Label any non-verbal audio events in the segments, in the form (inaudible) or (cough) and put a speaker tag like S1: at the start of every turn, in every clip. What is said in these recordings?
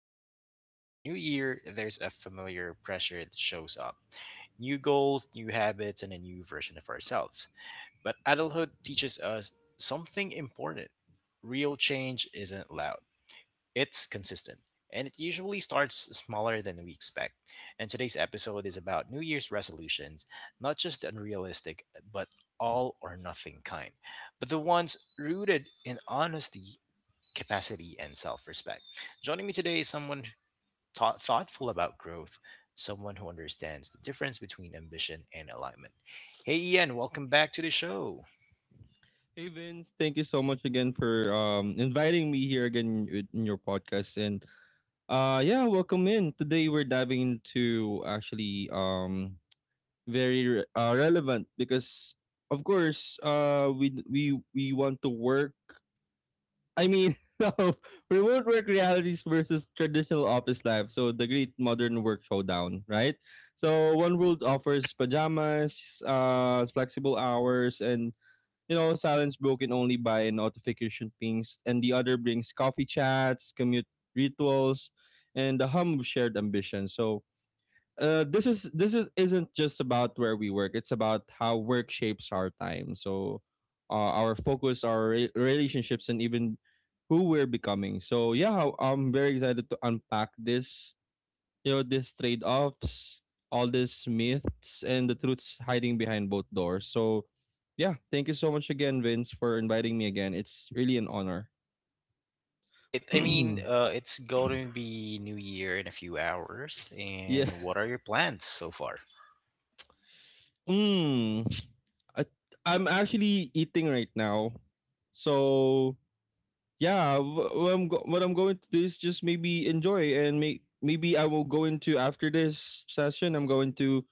S1: we step into a new year, there's a familiar pressure that shows up: new goals, new habits, and a new version of ourselves. But adulthood teaches us something important. Real change isn't loud, it's consistent. And it usually starts smaller than we expect. And today's episode is about New Year's resolutions, not just the unrealistic, but all or nothing kind, but the ones rooted in honesty, capacity, and self respect. Joining me today is someone thoughtful about growth, someone who understands the difference between ambition and alignment. Hey, Ian, welcome back to the show.
S2: Hey Vince, thank you so much again for inviting me here again in your podcast and yeah, welcome in. Today we're diving into actually relevant because of course we want to work. I mean, (laughs) remote work realities versus traditional office life. So the great modern work showdown, right? So one world offers pajamas, flexible hours and, you know, silence broken only by notification pings, and the other brings coffee chats, commute rituals, and the hum of shared ambition. So, this is isn't just about where we work. It's about how work shapes our time. So, our focus, our relationships, and even who we're becoming. So, yeah, I'm very excited to unpack this you know these trade-offs, all these myths and the truths hiding behind both doors. So yeah, thank you so much again, Vince, for inviting me again. It's really an honor.
S1: Right.
S2: (clears throat)
S1: I
S2: Yeah.
S1: mean, it's going to be New Year in a few hours. And what are your plans so far?
S2: mm. I, I'm actually eating right now. So yeah, what I'm going to do is just maybe enjoy, and maybe I will go into, after this session, I'm going to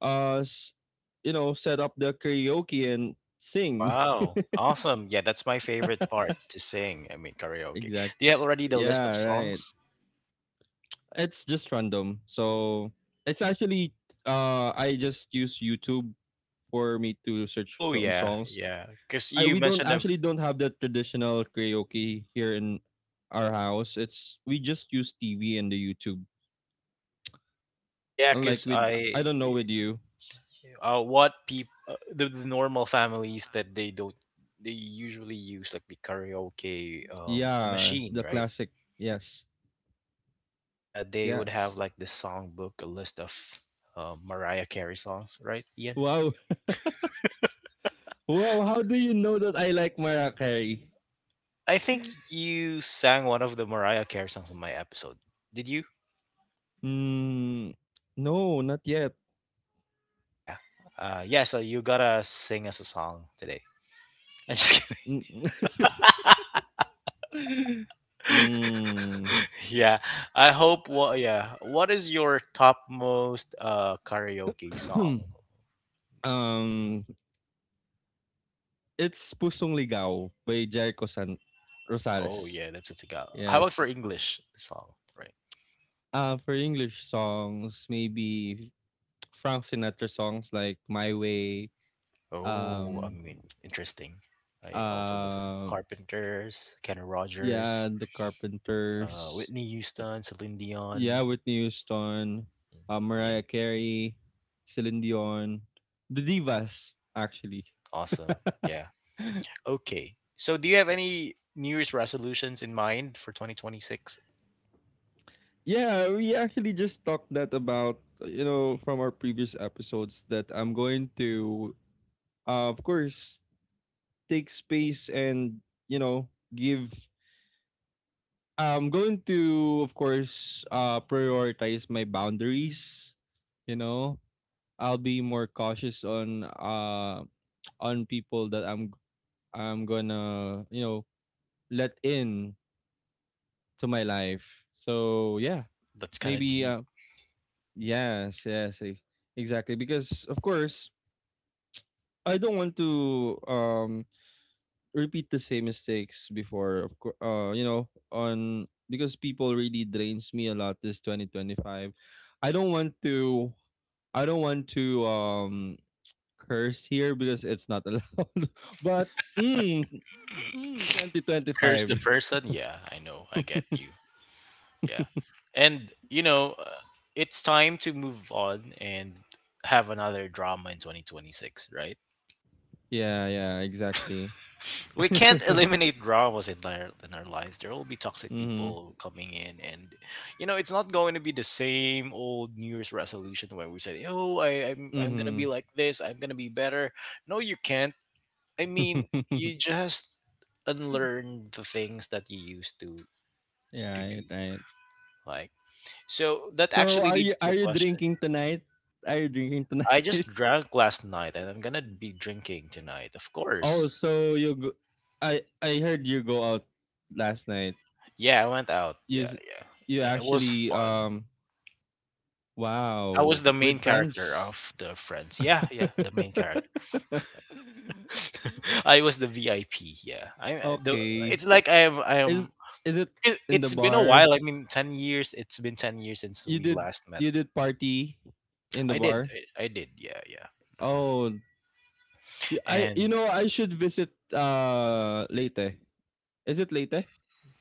S2: uh s- you know, set up the karaoke and sing.
S1: Wow. Awesome. Yeah, that's my favorite part to sing. I mean, karaoke.
S2: Exact.
S1: Do you have already the list of
S2: Yeah, right.
S1: songs?
S2: It's just random. So it's actually I just use YouTube for me to search
S1: Oh,
S2: some
S1: yeah.
S2: songs.
S1: Yeah. Because
S2: I
S1: you
S2: We don't
S1: mentioned,
S2: actually don't have the traditional karaoke here in our house. It's We just use TV and the YouTube.
S1: yeah, because
S2: Unlike with I don't know with you.
S1: what people the normal families that they don't they usually use like the karaoke
S2: Yeah,
S1: machine,
S2: the
S1: right?
S2: classic. Yes.
S1: And they would have
S2: Yes.
S1: like the songbook, a list of mariah carey songs, right, Ian?
S2: Wow. Wow, how do you know that I like Mariah Carey?
S1: I think you sang one of the mariah carey songs in my episode, did you?
S2: Hmm. No, not yet.
S1: Yeah. Uh, yeah, so you gotta sing us a song today. (laughs) I'm just kidding.
S2: Mm. (laughs) Mm.
S1: (laughs) Yeah, I hope, what, yeah, what is your top most karaoke song?
S2: Hmm. um, it's Pusong Ligaw by Jericho San
S1: Oh
S2: Rosales.
S1: yeah, that's a Tagalog. How
S2: Yes.
S1: about for English song, right?
S2: For English songs, maybe Frank Sinatra songs like My Way.
S1: Oh, I
S2: um,
S1: mean, interesting. I also listen
S2: uh,
S1: Carpenters, Kenny
S2: yeah,
S1: Rogers,
S2: The Carpenters,
S1: Whitney Houston, Celine
S2: yeah,
S1: Dion.
S2: Whitney Houston,
S1: Mm, yeah,
S2: Mariah Carey, Celine Dion, the divas, actually.
S1: awesome. Yeah.
S2: (laughs)
S1: Okay. So, do you have any New Year's resolutions in mind for 2026?
S2: Yeah, we actually just talked that about, you know, from our previous episodes, that I'm going to, of course, take space, and you know, give — I'm going to, of course, prioritize my boundaries, you know. I'll be more cautious on people that I'm gonna, you know, let in to my life. So yeah,
S1: That's kind of
S2: maybe
S1: deep.
S2: Yes, yes, e- exactly. Because of course, I don't want to repeat the same mistakes before. Of course, you know, on because people really drains me a lot this 2025. I don't want to. I don't want to curse here because it's not allowed. (laughs) But
S1: Curse
S2: 2025.
S1: the
S2: (laughs)
S1: person. Yeah, I know. I get you. Yeah. And, you know, it's time to move on and have another drama in 2026, right?
S2: Yeah, yeah, exactly.
S1: We
S2: (laughs)
S1: can't (laughs) eliminate dramas in our lives. There will be toxic
S2: Mhm.
S1: people coming in. And, you know, it's not going to be the same old New Year's resolution where we said, oh, I'm going to be
S2: Mhm.
S1: like this. I'm going to be better. No, you can't. I mean, you
S2: (laughs)
S1: just unlearn the things that you used to
S2: Right,
S1: do.
S2: right.
S1: Like, so that
S2: So
S1: actually
S2: are you
S1: leads to a question.
S2: drinking tonight? Are you drinking
S1: I just
S2: tonight? (laughs)
S1: drank last night and I'm gonna be drinking tonight, of
S2: Oh,
S1: course.
S2: I heard you go out last night.
S1: Yeah, I went out.
S2: You
S1: Yeah,
S2: s-
S1: yeah,
S2: you
S1: yeah. It was
S2: actually
S1: fun. I was
S2: wow,
S1: the
S2: with
S1: main character
S2: friends.
S1: of the Friends. Yeah, yeah, the
S2: (laughs)
S1: main character. (laughs) I was the VIP. Yeah, I- the.
S2: Okay,
S1: It's like I am. I
S2: is
S1: am.
S2: is it
S1: it-
S2: in the
S1: It's been a
S2: bar?
S1: while. I mean, 10 years. It's been 10 years since
S2: You
S1: we
S2: did
S1: last met.
S2: you did party in the
S1: I did.
S2: bar?
S1: I did. Yeah, yeah. Hmm.
S2: Oh, I, you
S1: And
S2: know, I should visit Leyte. Is it Leyte?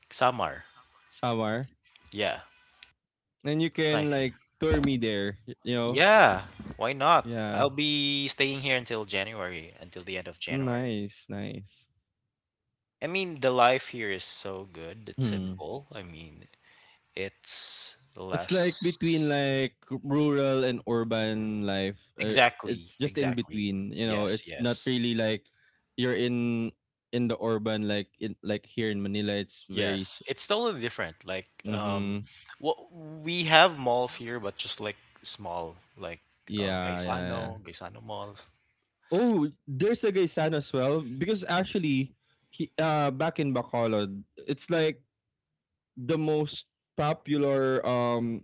S1: Samar.
S2: Samar.
S1: Yeah,
S2: And you
S1: it's
S2: can
S1: nice here.
S2: like tour me there, you know?
S1: Yeah, why not?
S2: Yeah.
S1: I'll be staying here until January, until the end of January.
S2: Nice, nice.
S1: I mean, the life here is so good. It's
S2: Hmm.
S1: simple. I mean, it's
S2: It's like between
S1: less.
S2: like rural and urban life. It's
S1: Exactly,
S2: just in
S1: exactly.
S2: between, you know.
S1: Yes,
S2: It's not
S1: yes.
S2: really like you're in the urban, like in, like here in Manila.
S1: Yes, it's totally different. Like,
S2: Mhm.
S1: what we have malls here, but just like small, like
S2: Yeah, yeah, yeah.
S1: Gaisano malls,
S2: Oh, there's a Gaisan as well because actually, back in Bacolod, it's like the most popular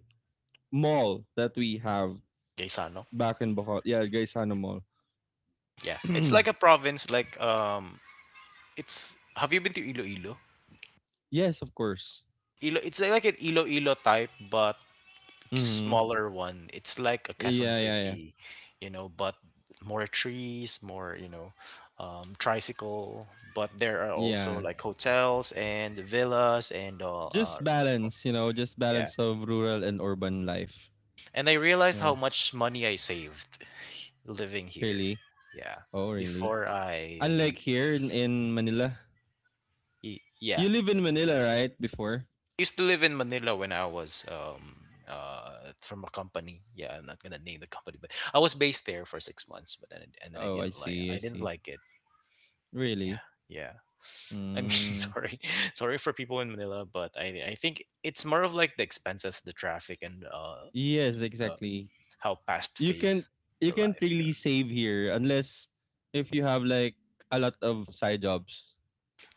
S2: mall that we have
S1: Gaisano.
S2: back in Bohol. Yeah, Gaisano Mall.
S1: Yeah, it's like a
S2: (clears throat)
S1: province. Like, it's. Have you been to Iloilo?
S2: Yes, of course.
S1: Ilo it's like an Iloilo type, but
S2: Hmm.
S1: smaller one. It's like a Quezon
S2: Yeah, yeah, yeah.
S1: City, you know, but more trees, more, you know, tricycle. But there are also
S2: Yeah.
S1: like hotels and villas and
S2: Just balance, you know, just
S1: yeah.
S2: balance of rural and urban life.
S1: And I realized
S2: Yeah,
S1: how much money I saved living here.
S2: really?
S1: Yeah.
S2: Oh, really?
S1: Before I
S2: Unlike
S1: leave.
S2: here in Manila.
S1: Y- yeah.
S2: You live in Manila, right? Before?
S1: Used to live in Manila when I was from a company. Yeah, I'm not gonna name the company, but I was based there for 6 months. But then I- and then I
S2: Oh, I
S1: didn't like
S2: see, I see.
S1: it.
S2: Really?
S1: Yeah, yeah. I mean, (laughs)
S2: Mm,
S1: sorry, for people in Manila, but I think it's more of like the expenses, the traffic, and
S2: yes,
S1: uh
S2: exactly.
S1: how past
S2: You can
S1: phase
S2: you
S1: the
S2: can't
S1: life.
S2: really save here unless if you have like a lot of side jobs.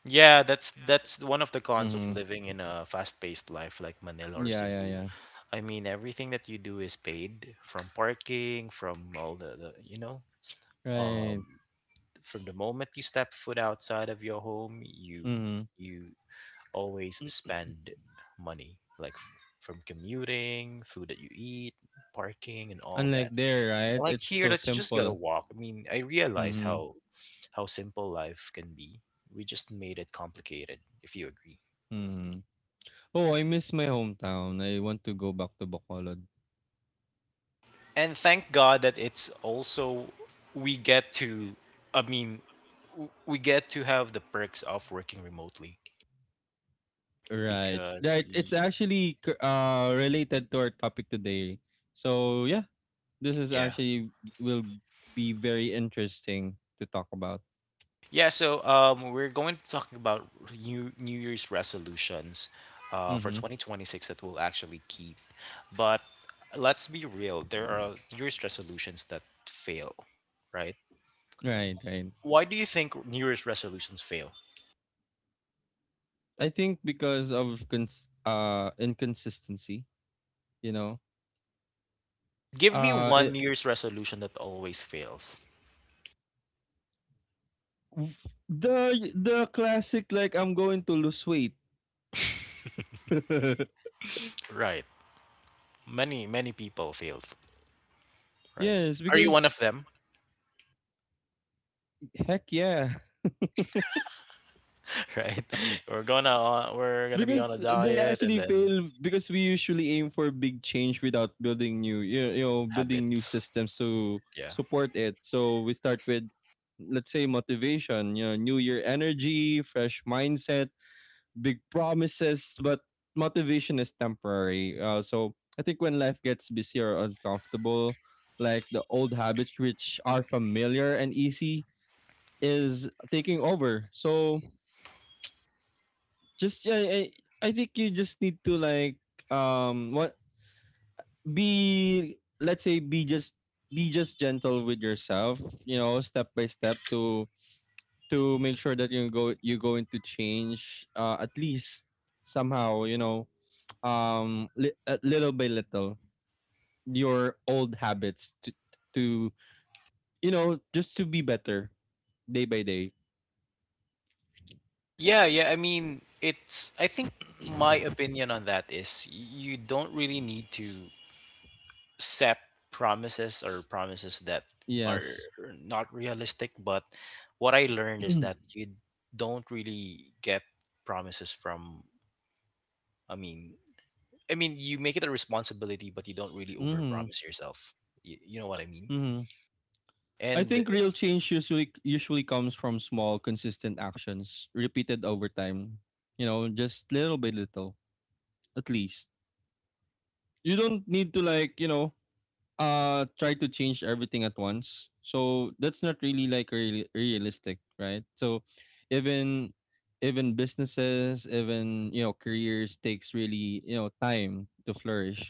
S1: Yeah, that's one of the cons of
S2: Mm-hmm.
S1: living in a fast-paced life like Manila or
S2: Yeah, yeah,
S1: Cebu.
S2: yeah.
S1: I mean, everything that you do is paid from parking, from all the you know,
S2: Right.
S1: um, from the moment you step foot outside of your home, you
S2: Mhm.
S1: you always spend
S2: (clears throat)
S1: money, like from commuting, food that you eat, parking, and all
S2: Unlike
S1: that
S2: there, right?
S1: like
S2: It's
S1: here
S2: so
S1: that you just gotta
S2: simple.
S1: walk. I mean, I realized
S2: Mhm.
S1: how simple life can be. We just made it complicated, if you agree.
S2: Mhm. Oh, I miss my hometown. I want to go back to Bacolod.
S1: And thank God that it's also we get to I mean we get to have the perks of working remotely
S2: Right.
S1: because
S2: Right. It's
S1: we
S2: actually related to our topic today. So, yeah, this is
S1: yeah.
S2: actually will be very interesting to talk about.
S1: Yeah, so we're going to talk about New Year's resolutions for
S2: Mhm.
S1: 2026 that we'll actually keep. But let's be real, there are New Year's resolutions that fail, right?
S2: Right, right.
S1: Why do you think New Year's resolutions fail?
S2: I think because of inconsistency, you know.
S1: Give me one
S2: I
S1: New Year's resolution that always fails.
S2: The classic like I'm going to lose weight. (laughs)
S1: Right. Many people failed, right?
S2: Yes,
S1: Are you one of
S2: because
S1: them? (laughs)
S2: heck yeah.
S1: Right. We're gonna be
S2: Because
S1: on a
S2: they
S1: diet and
S2: actually
S1: then
S2: fail because we usually aim for big change without building new you you know, building new
S1: habits.
S2: systems to
S1: Yeah.
S2: support it. So we start with, let's say, motivation, you know, new year energy, fresh mindset, big promises, but motivation is temporary. So I think when life gets busy or uncomfortable, like the old habits, which are familiar and easy, is taking over. So just yeah, I think you just need to like, what be, let's say, be just gentle with yourself, you know, step by step to make sure that you go into change, at least somehow, you know, little by little your old habits to to you know, just to be better day by day.
S1: Yeah, yeah. I mean, I think my opinion on that is you don't really need to set promises or promises that are
S2: Yes.
S1: not realistic. But what I
S2: (clears throat)
S1: learned is
S2: Mhm.
S1: that you don't really get promises from, I mean, I mean, you make it a responsibility, but you don't really
S2: Mhm.
S1: overpromise yourself. You know what I mean?
S2: I
S1: And
S2: think real change usually comes from small consistent actions repeated over time, you know, just little by little. At least you don't need to, like, you know, try to change everything at once. So that's not really like realistic, right? So even businesses, even, you know, careers takes really, you know, time to flourish.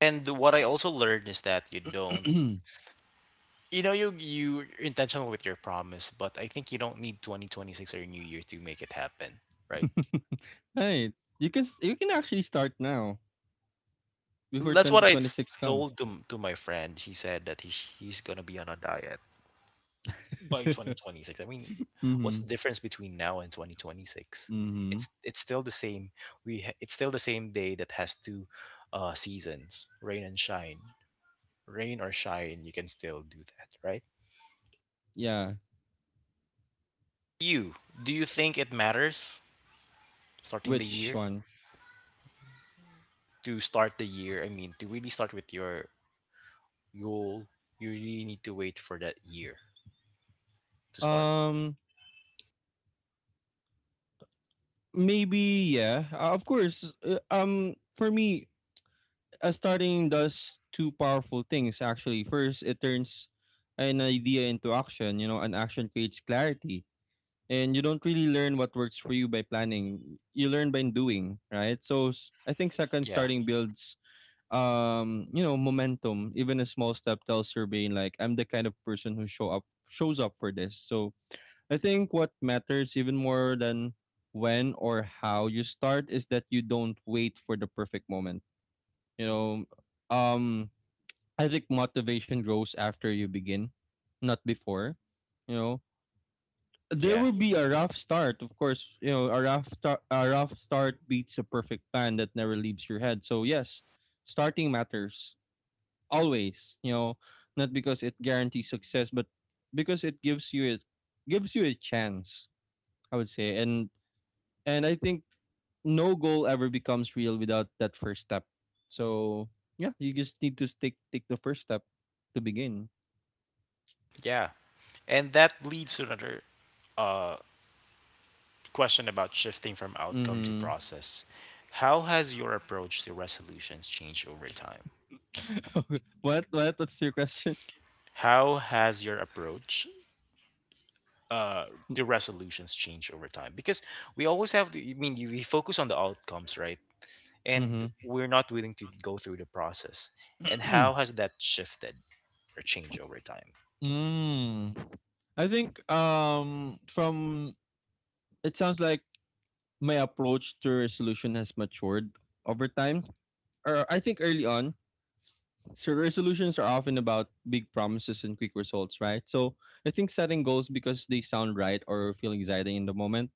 S1: what I also learned is that you don't.
S2: (clears throat)
S1: You know, you're intentional with your promise, but I think you don't need 2026 or New Year to make it happen, right?
S2: Right, you can actually start now before
S1: That's what I s-
S2: 2026 come.
S1: told to my friend. He said that he's gonna be on a diet by
S2: (laughs)
S1: 2026. I mean, what's
S2: Mm-hmm.
S1: the difference between now and 2026?
S2: Mm-hmm.
S1: It's still the same. It's still the same day that has two seasons, rain and shine. Rain or shine, you can still do that, right?
S2: Yeah,
S1: You, do you think it matters starting the
S2: which
S1: year?
S2: one?
S1: To start the year, I mean, to really start with your goal, you really need to wait for that year to start.
S2: Um, maybe yeah, of course, for me, a starting does two powerful things actually. First, it turns an idea into action. You know, an action creates clarity. And you don't really learn what works for you by planning. You learn by doing, right? So I think second,
S1: Yeah.
S2: starting builds you know, momentum. Even a small step tells your brain, like, I'm the kind of person who shows up for this. So I think what matters even more than when or how you start is that you don't wait for the perfect moment. You know, um I think motivation grows after you begin, not before. You know, there
S1: Yeah,
S2: will be a rough start, of course. You know, a a rough start beats a perfect plan that never leaves your head. So yes, starting matters always. You know, not because it guarantees success, but because it gives you a chance, I would say. And I think no goal ever becomes real without that first step. So yeah, you just need to take the first step to begin.
S1: yeah. And that leads to another uh, question about shifting from outcome to
S2: Mm-hmm.
S1: process. How has your approach to resolutions changed over time?
S2: (laughs) What? What? What's your question?
S1: How has your approach uh, to resolutions changed over time? Because we always have to, I mean, we focus on the outcomes, right? And we're not willing to go through the process. And
S2: Mm-hmm.
S1: how has that shifted, or change over time?
S2: (clears throat) Mm. I think from, it sounds like my approach to resolution has matured over time. Or I think early on, so resolutions are often about big promises and quick results, right? So I think setting goals because they sound right or feel exciting in the moment.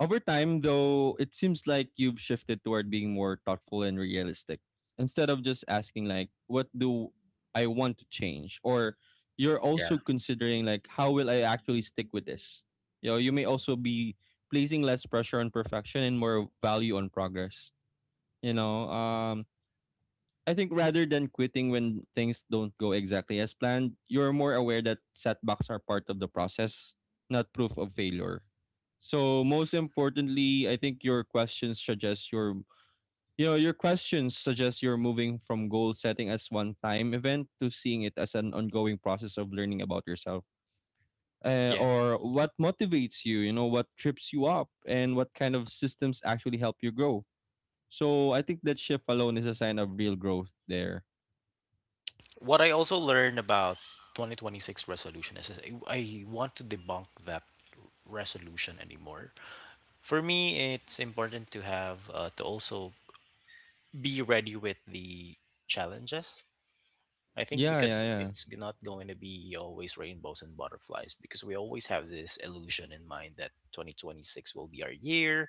S2: Over time, though, it seems like you've shifted toward being more thoughtful and realistic. Instead of just asking, like, what do I want to change? Or you're
S1: Yeah.
S2: also considering, like, how will I actually stick with this? You know, you may also be placing less pressure on perfection and more value on progress. You know, I think rather than quitting when things don't go exactly as planned, you're more aware that setbacks are part of the process, not proof of failure. So most importantly, I think you know, your questions suggest you're moving from goal setting as one time event to seeing it as an ongoing process of learning about yourself.
S1: Yeah.
S2: Or what motivates you, you know, what trips you up, and what kind of systems actually help you grow. So I think that shift alone is a sign of real growth there.
S1: What I also learned about 2026 resolution is I want to debunk that resolution anymore. For me, it's important to also be ready with the challenges. I think
S2: Yeah, yeah,
S1: because
S2: yeah.
S1: it's not going to be always rainbows and butterflies because we always have this illusion in mind that 2026 will be our year.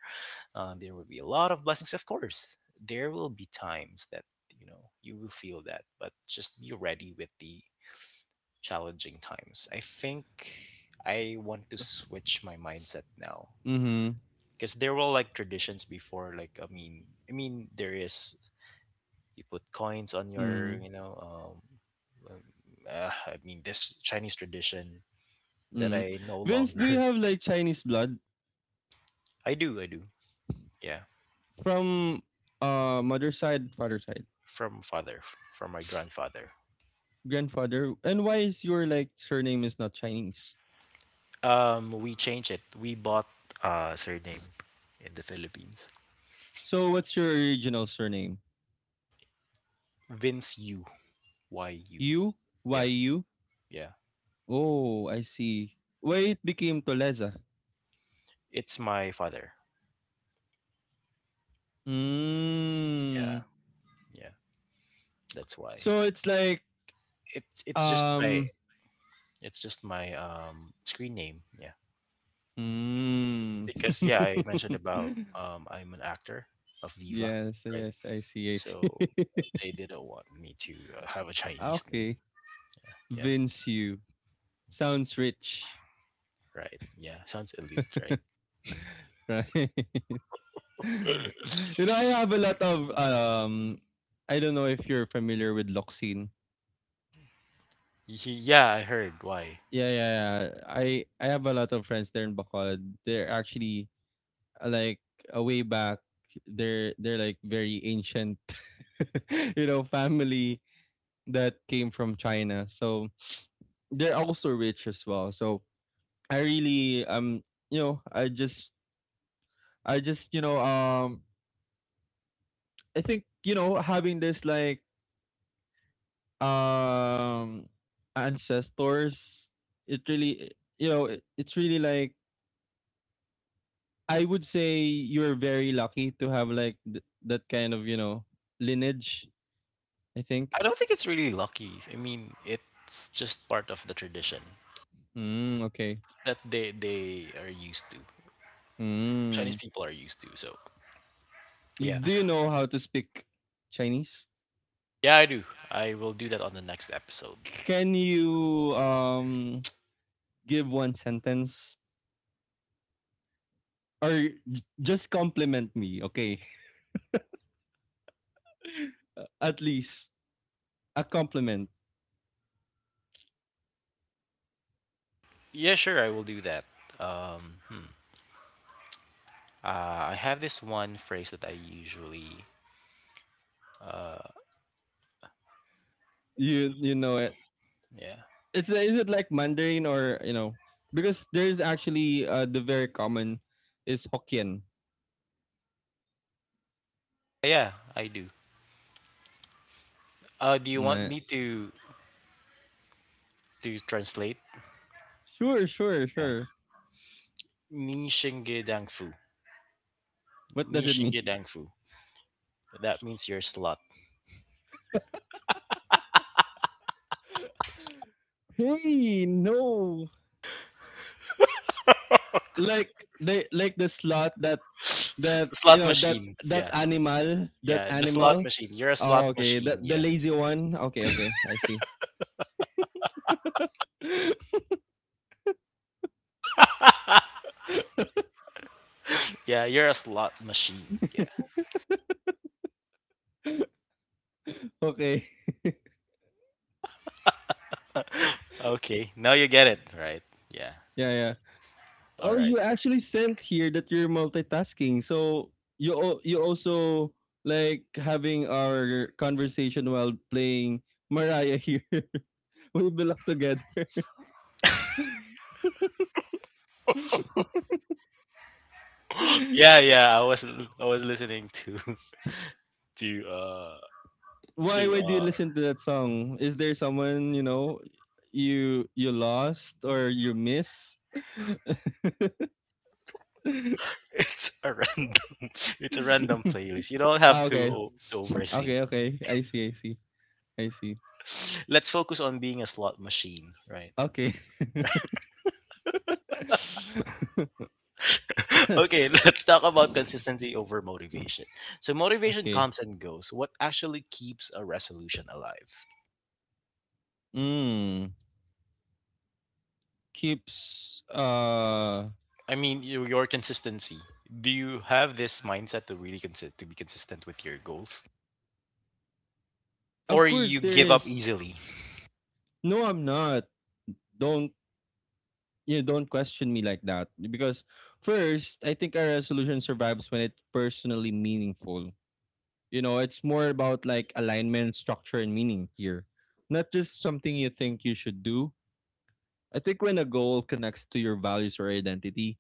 S1: There will be a lot of blessings, of course. There will be times that you will feel that, but just be ready with the challenging times. I think I want to switch my mindset now
S2: Mhm.
S1: because there were like traditions before. Like I mean, there is, you put coins on your
S2: Mhm.
S1: um, I mean this Chinese tradition that
S2: Mm.
S1: I no
S2: Vince, do you
S1: longer.
S2: have like Chinese blood
S1: (laughs) I do, yeah,
S2: from mother's side, father's side,
S1: from father, from my grandfather.
S2: grandfather? And why is your like surname is not Chinese?
S1: We changed it. We bought surname in the Philippines.
S2: So what's your original surname?
S1: Vince U Y U.
S2: You? Why
S1: Yeah,
S2: you?
S1: yeah,
S2: Oh, I see. Why
S1: yeah.
S2: it became Toleza?
S1: It's my father. Yeah,
S2: Mm.
S1: yeah. That's why.
S2: So it's like
S1: It's it's just my
S2: um
S1: it's just my screen name. Yeah,
S2: mm.
S1: because yeah, I mentioned about
S2: (laughs)
S1: I'm an actor of Viva,
S2: Yes,
S1: right?
S2: yes, I see, I
S1: So
S2: see. (laughs)
S1: they didn't want me to have a Chinese name.
S2: Okay.
S1: Yeah,
S2: Vince you. Sounds rich. (laughs)
S1: right. Yeah, sounds elite, right?
S2: Right? (laughs) You
S1: (laughs)
S2: know, I have a lot of I don't know if you're familiar with Loxine.
S1: Y- Yeah, I heard. Why?
S2: Yeah, yeah, yeah. I have a lot of friends there in Bacolod. They're actually, like, a way back. They're like very ancient, (laughs) you know, family that came from China. So they're also rich as well. So I really, you know, I just, you know, I think, you know, having this like, um ancestors, it really, you know, it's really like, I would say, you're very lucky to have like that kind of, you know, lineage, I
S1: I
S2: think.
S1: don't think it's really lucky. I mean, it's just part of the tradition
S2: Mm, okay.
S1: that they are used to. Chinese
S2: Mm.
S1: people are used to. So yeah,
S2: Do you know how to speak Chinese?
S1: yeah, I do. I will do that on the next episode.
S2: Can you (tsk) give one sentence or just compliment me? Okay, (laughs) at least a compliment
S1: Yeah, sure, I will do that. Um, hmm. I have this one phrase that I usually. Uh,
S2: you you know it
S1: yeah,
S2: it's is it like Mandarin or because there's actually the very common is Hokkien.
S1: yeah, I do. Do you want
S2: Nah.
S1: me to translate?
S2: Sure, sure,
S1: Yeah,
S2: sure.
S1: ni shingedang fu,
S2: What
S1: ni
S2: does it mean?
S1: shingedang fu. That means you're a slut.
S2: Hey, no.
S1: (laughs) Just-
S2: Like they like the slot that
S1: (laughs)
S2: that
S1: the
S2: you
S1: slot
S2: know that
S1: machine.
S2: that
S1: Yeah.
S2: animal that
S1: Yeah, the slot
S2: animal.
S1: machine. You're a slot
S2: Oh, okay. That
S1: machine.
S2: the
S1: Yeah.
S2: lazy one. Okay, okay. I see. (laughs)
S1: Yeah, you're a slot machine. Yeah.
S2: okay.
S1: Okay. Now you get it, right? Yeah.
S2: Yeah, yeah.
S1: All
S2: Oh,
S1: right.
S2: you actually sent here that you're multitasking. So you you also like having our conversation while playing Mariah here. (laughs) We belong together. (laughs)
S1: Yeah, yeah. I was listening to (laughs) to uh
S2: why
S1: to
S2: why do you listen to that song? Is there someone you lost or you miss? (laughs)
S1: (laughs) it's a random (laughs) it's a random playlist. You don't
S2: Ah,
S1: have to
S2: okay,
S1: overthink.
S2: okay, okay. I see, I see, I see.
S1: (laughs) Let's focus on being a slot machine, right?
S2: Okay,
S1: (laughs) Okay, let's talk about consistency over motivation. So
S2: (laughs)
S1: motivation
S2: okay.
S1: comes and goes. What actually keeps a resolution alive?
S2: Mm. Keeps
S1: I mean, your consistency. Do you have this mindset to to be consistent with your goals,
S2: of
S1: or
S2: course
S1: you
S2: there
S1: give
S2: is,
S1: up easily?
S2: no I'm not, don't, you don't question me like that. Because first, I think our resolution survives when it's personally meaningful. You know, it's more about like alignment, structure and meaning here, not just something you think you should do. I think when a goal connects to your values or identity,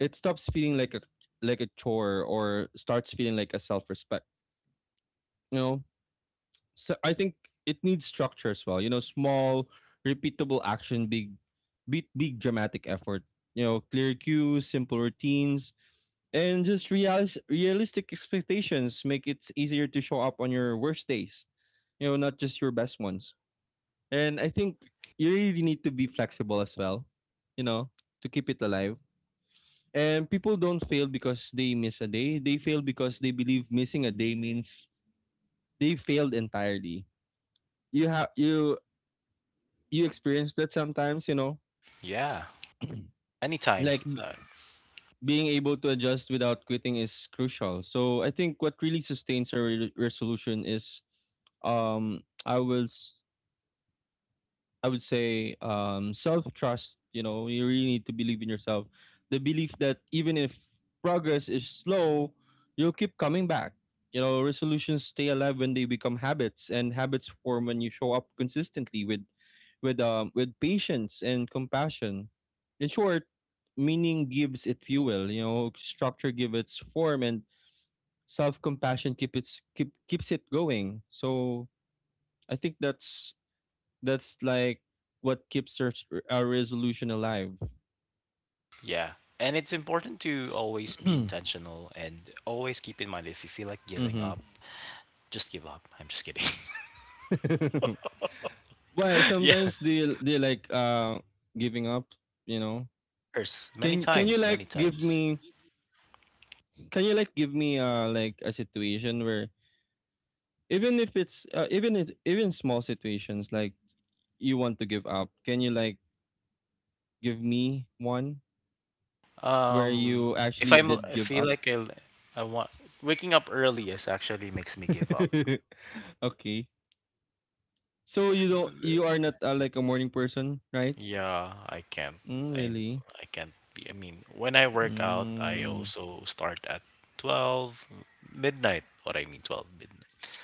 S2: it stops feeling like a chore or starts feeling like a self-respect, you know. So I think it needs structure as well. You know, small, repeatable action, big, big dramatic effort. You know, clear cues, simple routines, and just realistic expectations make it easier to show up on your worst days. You know, not just your best ones. And I think you really need to be flexible as well. You know, to keep it alive. And people don't fail because they miss a day. They fail because they believe missing a day means they failed entirely. you have you you experience that sometimes, you know,
S1: Yeah, many
S2: like
S1: times.
S2: being able to adjust without quitting is crucial. So I think what really sustains our resolution is um I will I would say self trust. You know, you really need to believe in yourself. The belief that even if progress is slow, you'll keep coming back. You know, resolutions stay alive when they become habits, and habits form when you show up consistently with patience and compassion. In short, meaning gives it fuel. You know, structure gives its form, and self compassion keep its keep keeps it going. So I think that's like what keeps our resolution alive.
S1: Yeah, and it's important to always be
S2: (clears throat)
S1: intentional and always keep in mind if you feel like giving up,
S2: Mm-hmm.
S1: just give up. I'm just kidding.
S2: (laughs) Why
S1: (laughs) yeah, of
S2: sometimes they like giving up? You know,
S1: course, many
S2: can
S1: times,
S2: can you
S1: many
S2: like give
S1: times.
S2: me can you like give me like a situation where even if it's even if, even small situations like you want to give up, can you like give me one where you
S1: If
S2: actually
S1: I'm,
S2: did
S1: I
S2: give
S1: feel
S2: up?
S1: like I want waking up early is actually makes me give up.
S2: (laughs) Okay. So you don't, you are not like a morning person, right?
S1: Yeah, I can't.
S2: Mm,
S1: I
S2: really?
S1: I can't be. I mean, when I
S2: I.
S1: work out, I
S2: Mm,
S1: also start at 12 midnight. What I mean, 12 midnight.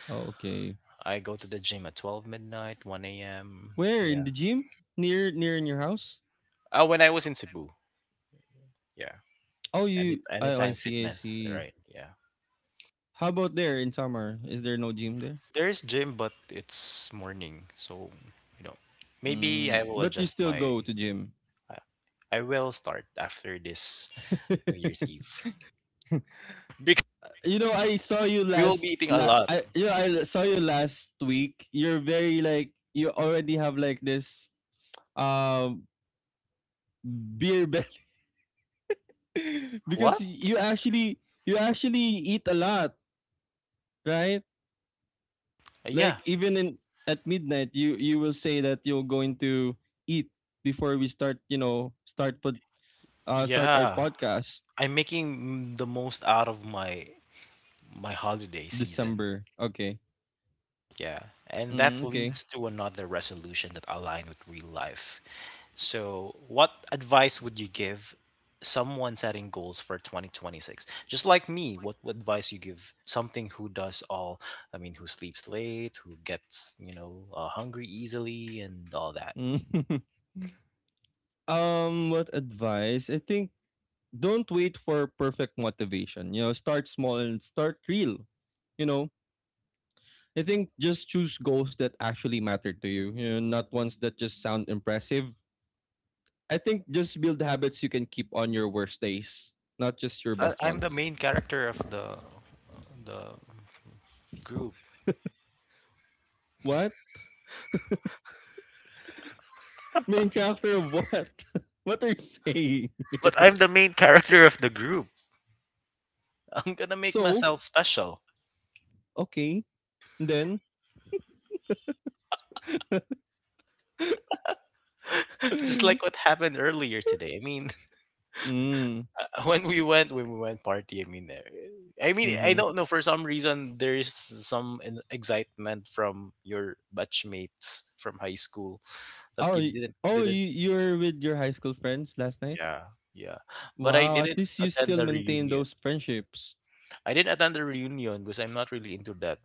S2: okay.
S1: I go to the gym at 12 midnight, 1 a.m.
S2: Where in
S1: Yeah.
S2: the gym? Near in your house?
S1: Oh, when I was in Cebu. Yeah.
S2: Oh, you. Oh, I
S1: Anytime
S2: see. I
S1: fitness,
S2: see.
S1: right? Yeah.
S2: How about there in summer? Is there no gym there?
S1: There is gym, but it's morning, so you know, maybe
S2: Mm,
S1: I will
S2: but you
S1: adjust
S2: still
S1: my.
S2: go to gym.
S1: I I will start after this New Year's
S2: (laughs)
S1: Eve (laughs) because
S2: You know, I saw you
S1: we will
S2: last.
S1: be eating a lot.
S2: I, you know, I saw you last week. You're very like you already have like this um beer belly (laughs) because
S1: What?
S2: you actually, eat a lot, right?
S1: Yeah,
S2: Like even in at midnight, you will say that you're going to eat before we start, you know, start put start our
S1: yeah,
S2: podcast.
S1: I'm making the most out of my my holiday season.
S2: December, okay.
S1: Yeah, and that
S2: Mm, okay.
S1: leads to another resolution that align with real life. So, what advice would you give someone setting goals for 2026? Just like me, what advice you give something who does all, I mean, who sleeps late, who gets, hungry easily and all that.
S2: Mm. (laughs) Um, what advice? I think don't wait for perfect motivation. You know, start small and start real. You know, I think just choose goals that actually matter to you, you know, not ones that just sound impressive. I think just build habits you can keep on your worst days, not just your best
S1: I'm the
S2: ones.
S1: main character of the group.
S2: What? Main character of what? (laughs) What are you saying?
S1: But I'm the main character of the group. I'm gonna make
S2: So,
S1: myself special,
S2: okay. Then, (gasps) (laughs)
S1: (laughs) just
S2: mm,
S1: like what happened earlier today. I mean, (laughs)
S2: mm-hmm.
S1: when we went party, I mean, I don't know. For some reason, there is some excitement from your batchmates from high school that
S2: Oh,
S1: you
S2: y- oh,
S1: didn't,
S2: you were with your high school friends last night.
S1: yeah, yeah. But I
S2: Wow. At
S1: didn't
S2: least you
S1: attend
S2: still
S1: the
S2: maintain
S1: reunion.
S2: those friendships.
S1: I didn't attend the reunion because I'm not really into that.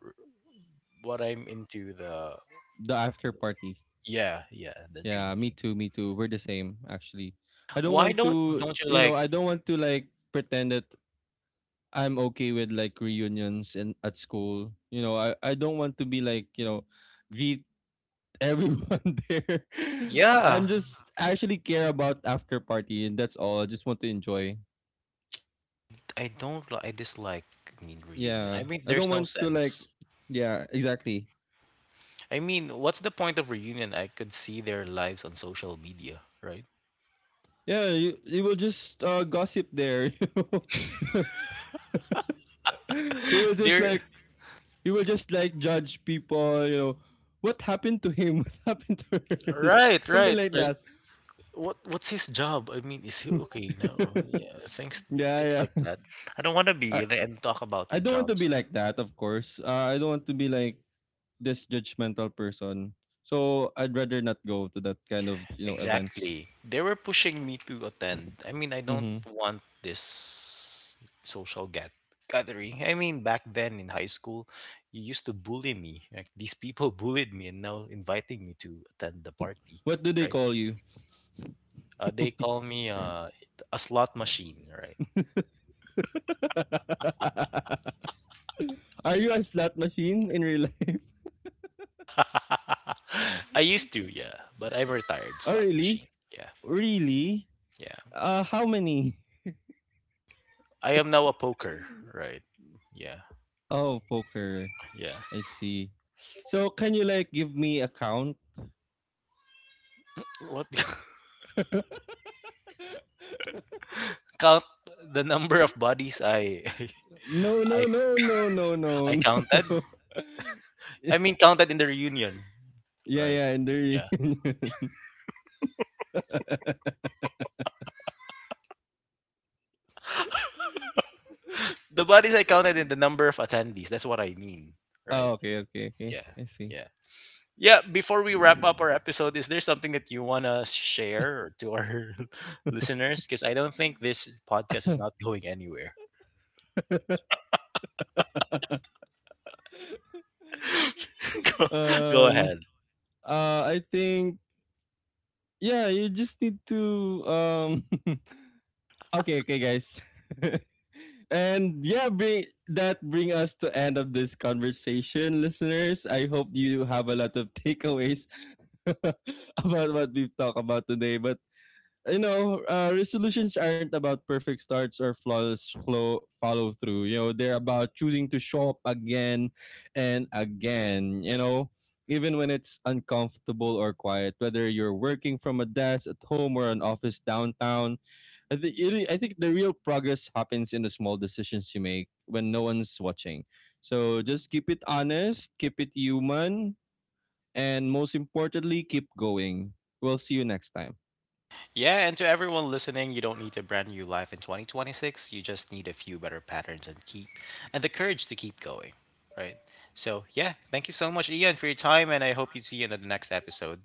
S1: What I'm into the
S2: The after party.
S1: yeah, yeah, the
S2: Yeah, me
S1: drinking.
S2: too. Me too. We're the same actually. I don't
S1: Why
S2: want
S1: don't
S2: to,
S1: don't you
S2: you know,
S1: like
S2: I don't want to like pretend that I'm okay with like reunions and at school. You know, I don't want to be like, you know, greet everyone (laughs) there. I'm
S1: yeah
S2: just, I actually care about after party and that's all. I just want to enjoy.
S1: I don't li- I dislike I mean reunion.
S2: Yeah.
S1: I mean
S2: I don't
S1: there's no
S2: want to like,
S1: sense.
S2: yeah, exactly.
S1: I mean, what's the point of reunion? I could see their lives on social media, right?
S2: Yeah, you will just gossip there. (laughs) You know? (laughs) you will
S1: (laughs)
S2: just
S1: They're
S2: like you will just like judge people, you know. What happened to him? (laughs) What happened to her?
S1: right,
S2: (laughs) Something
S1: right,
S2: like
S1: right.
S2: that.
S1: What's his job? I mean, is he
S2: (laughs)
S1: okay now? Yeah, things
S2: Yeah,
S1: like
S2: yeah.
S1: that. I don't want to be
S2: I,
S1: and talk about
S2: I don't want to
S1: jobs.
S2: be like that, of course. I don't want to be like this judgmental person. So I'd rather not go to that kind of, you know, events.
S1: Exactly. They were pushing me to attend. I mean, I don't
S2: Hmm.
S1: want this social get gathering. I mean, back then in high school, you used to bully me. Like, these people (laughs) bullied me and now inviting me to attend the party,
S2: What do they
S1: right?
S2: call you?
S1: They call me a slot machine, right?
S2: (laughs) Are you a slot machine in real life? (laughs)
S1: (laughs) I used to, yeah, but I'm retired
S2: Oh
S1: slot
S2: really?
S1: machine. Yeah,
S2: Really?
S1: yeah.
S2: How many? (laughs)
S1: I am now a poker, right? Yeah,
S2: Oh, poker.
S1: yeah.
S2: I see. So can you like give me a count?
S1: What
S2: (laughs)
S1: (laughs) count the number of bodies I
S2: No,
S1: (laughs) I
S2: no, no, no, no, no,
S1: I counted.
S2: no. (laughs)
S1: I mean, counted in the reunion,
S2: Yeah,
S1: right?
S2: yeah, in the
S1: Yeah.
S2: reunion.
S1: The bodies I counted in
S2: (laughs)
S1: the number of attendees. That's what I mean, right?
S2: Oh, okay, okay, okay.
S1: Yeah.
S2: I see.
S1: Yeah. Yeah. Before we wrap up our episode, is there something that you want to share to our (laughs) listeners? Because I don't think this podcast is
S2: (laughs)
S1: not going anywhere. (laughs) go, go
S2: Um,
S1: ahead.
S2: I think, yeah, you just need to. (laughs) Okay, okay, guys. (laughs) And yeah, bring that, bring us to end of this conversation, listeners. I hope you have a lot of takeaways (laughs) about what we've talked about today. But you know, resolutions aren't about perfect starts or flawless flow follow through. You know, they're about choosing to show up again and again. You know, even when it's uncomfortable or quiet, whether you're working from a desk at home or an office downtown. I think the real progress happens in the small decisions you make when no one's watching. So just keep it honest, keep it human, and most importantly, keep going. We'll see you next time.
S1: Yeah, and to everyone listening, you don't need a brand new life in 2026. You just need a few better patterns and keep and the courage to keep going, right? So, yeah, thank you so much Ian for your time and I hope you see you in the next episode.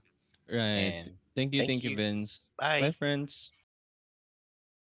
S2: Right.
S1: And
S2: Thank
S1: thank
S2: you,
S1: you.
S2: Vince. Bye,
S1: Bye.
S2: friends.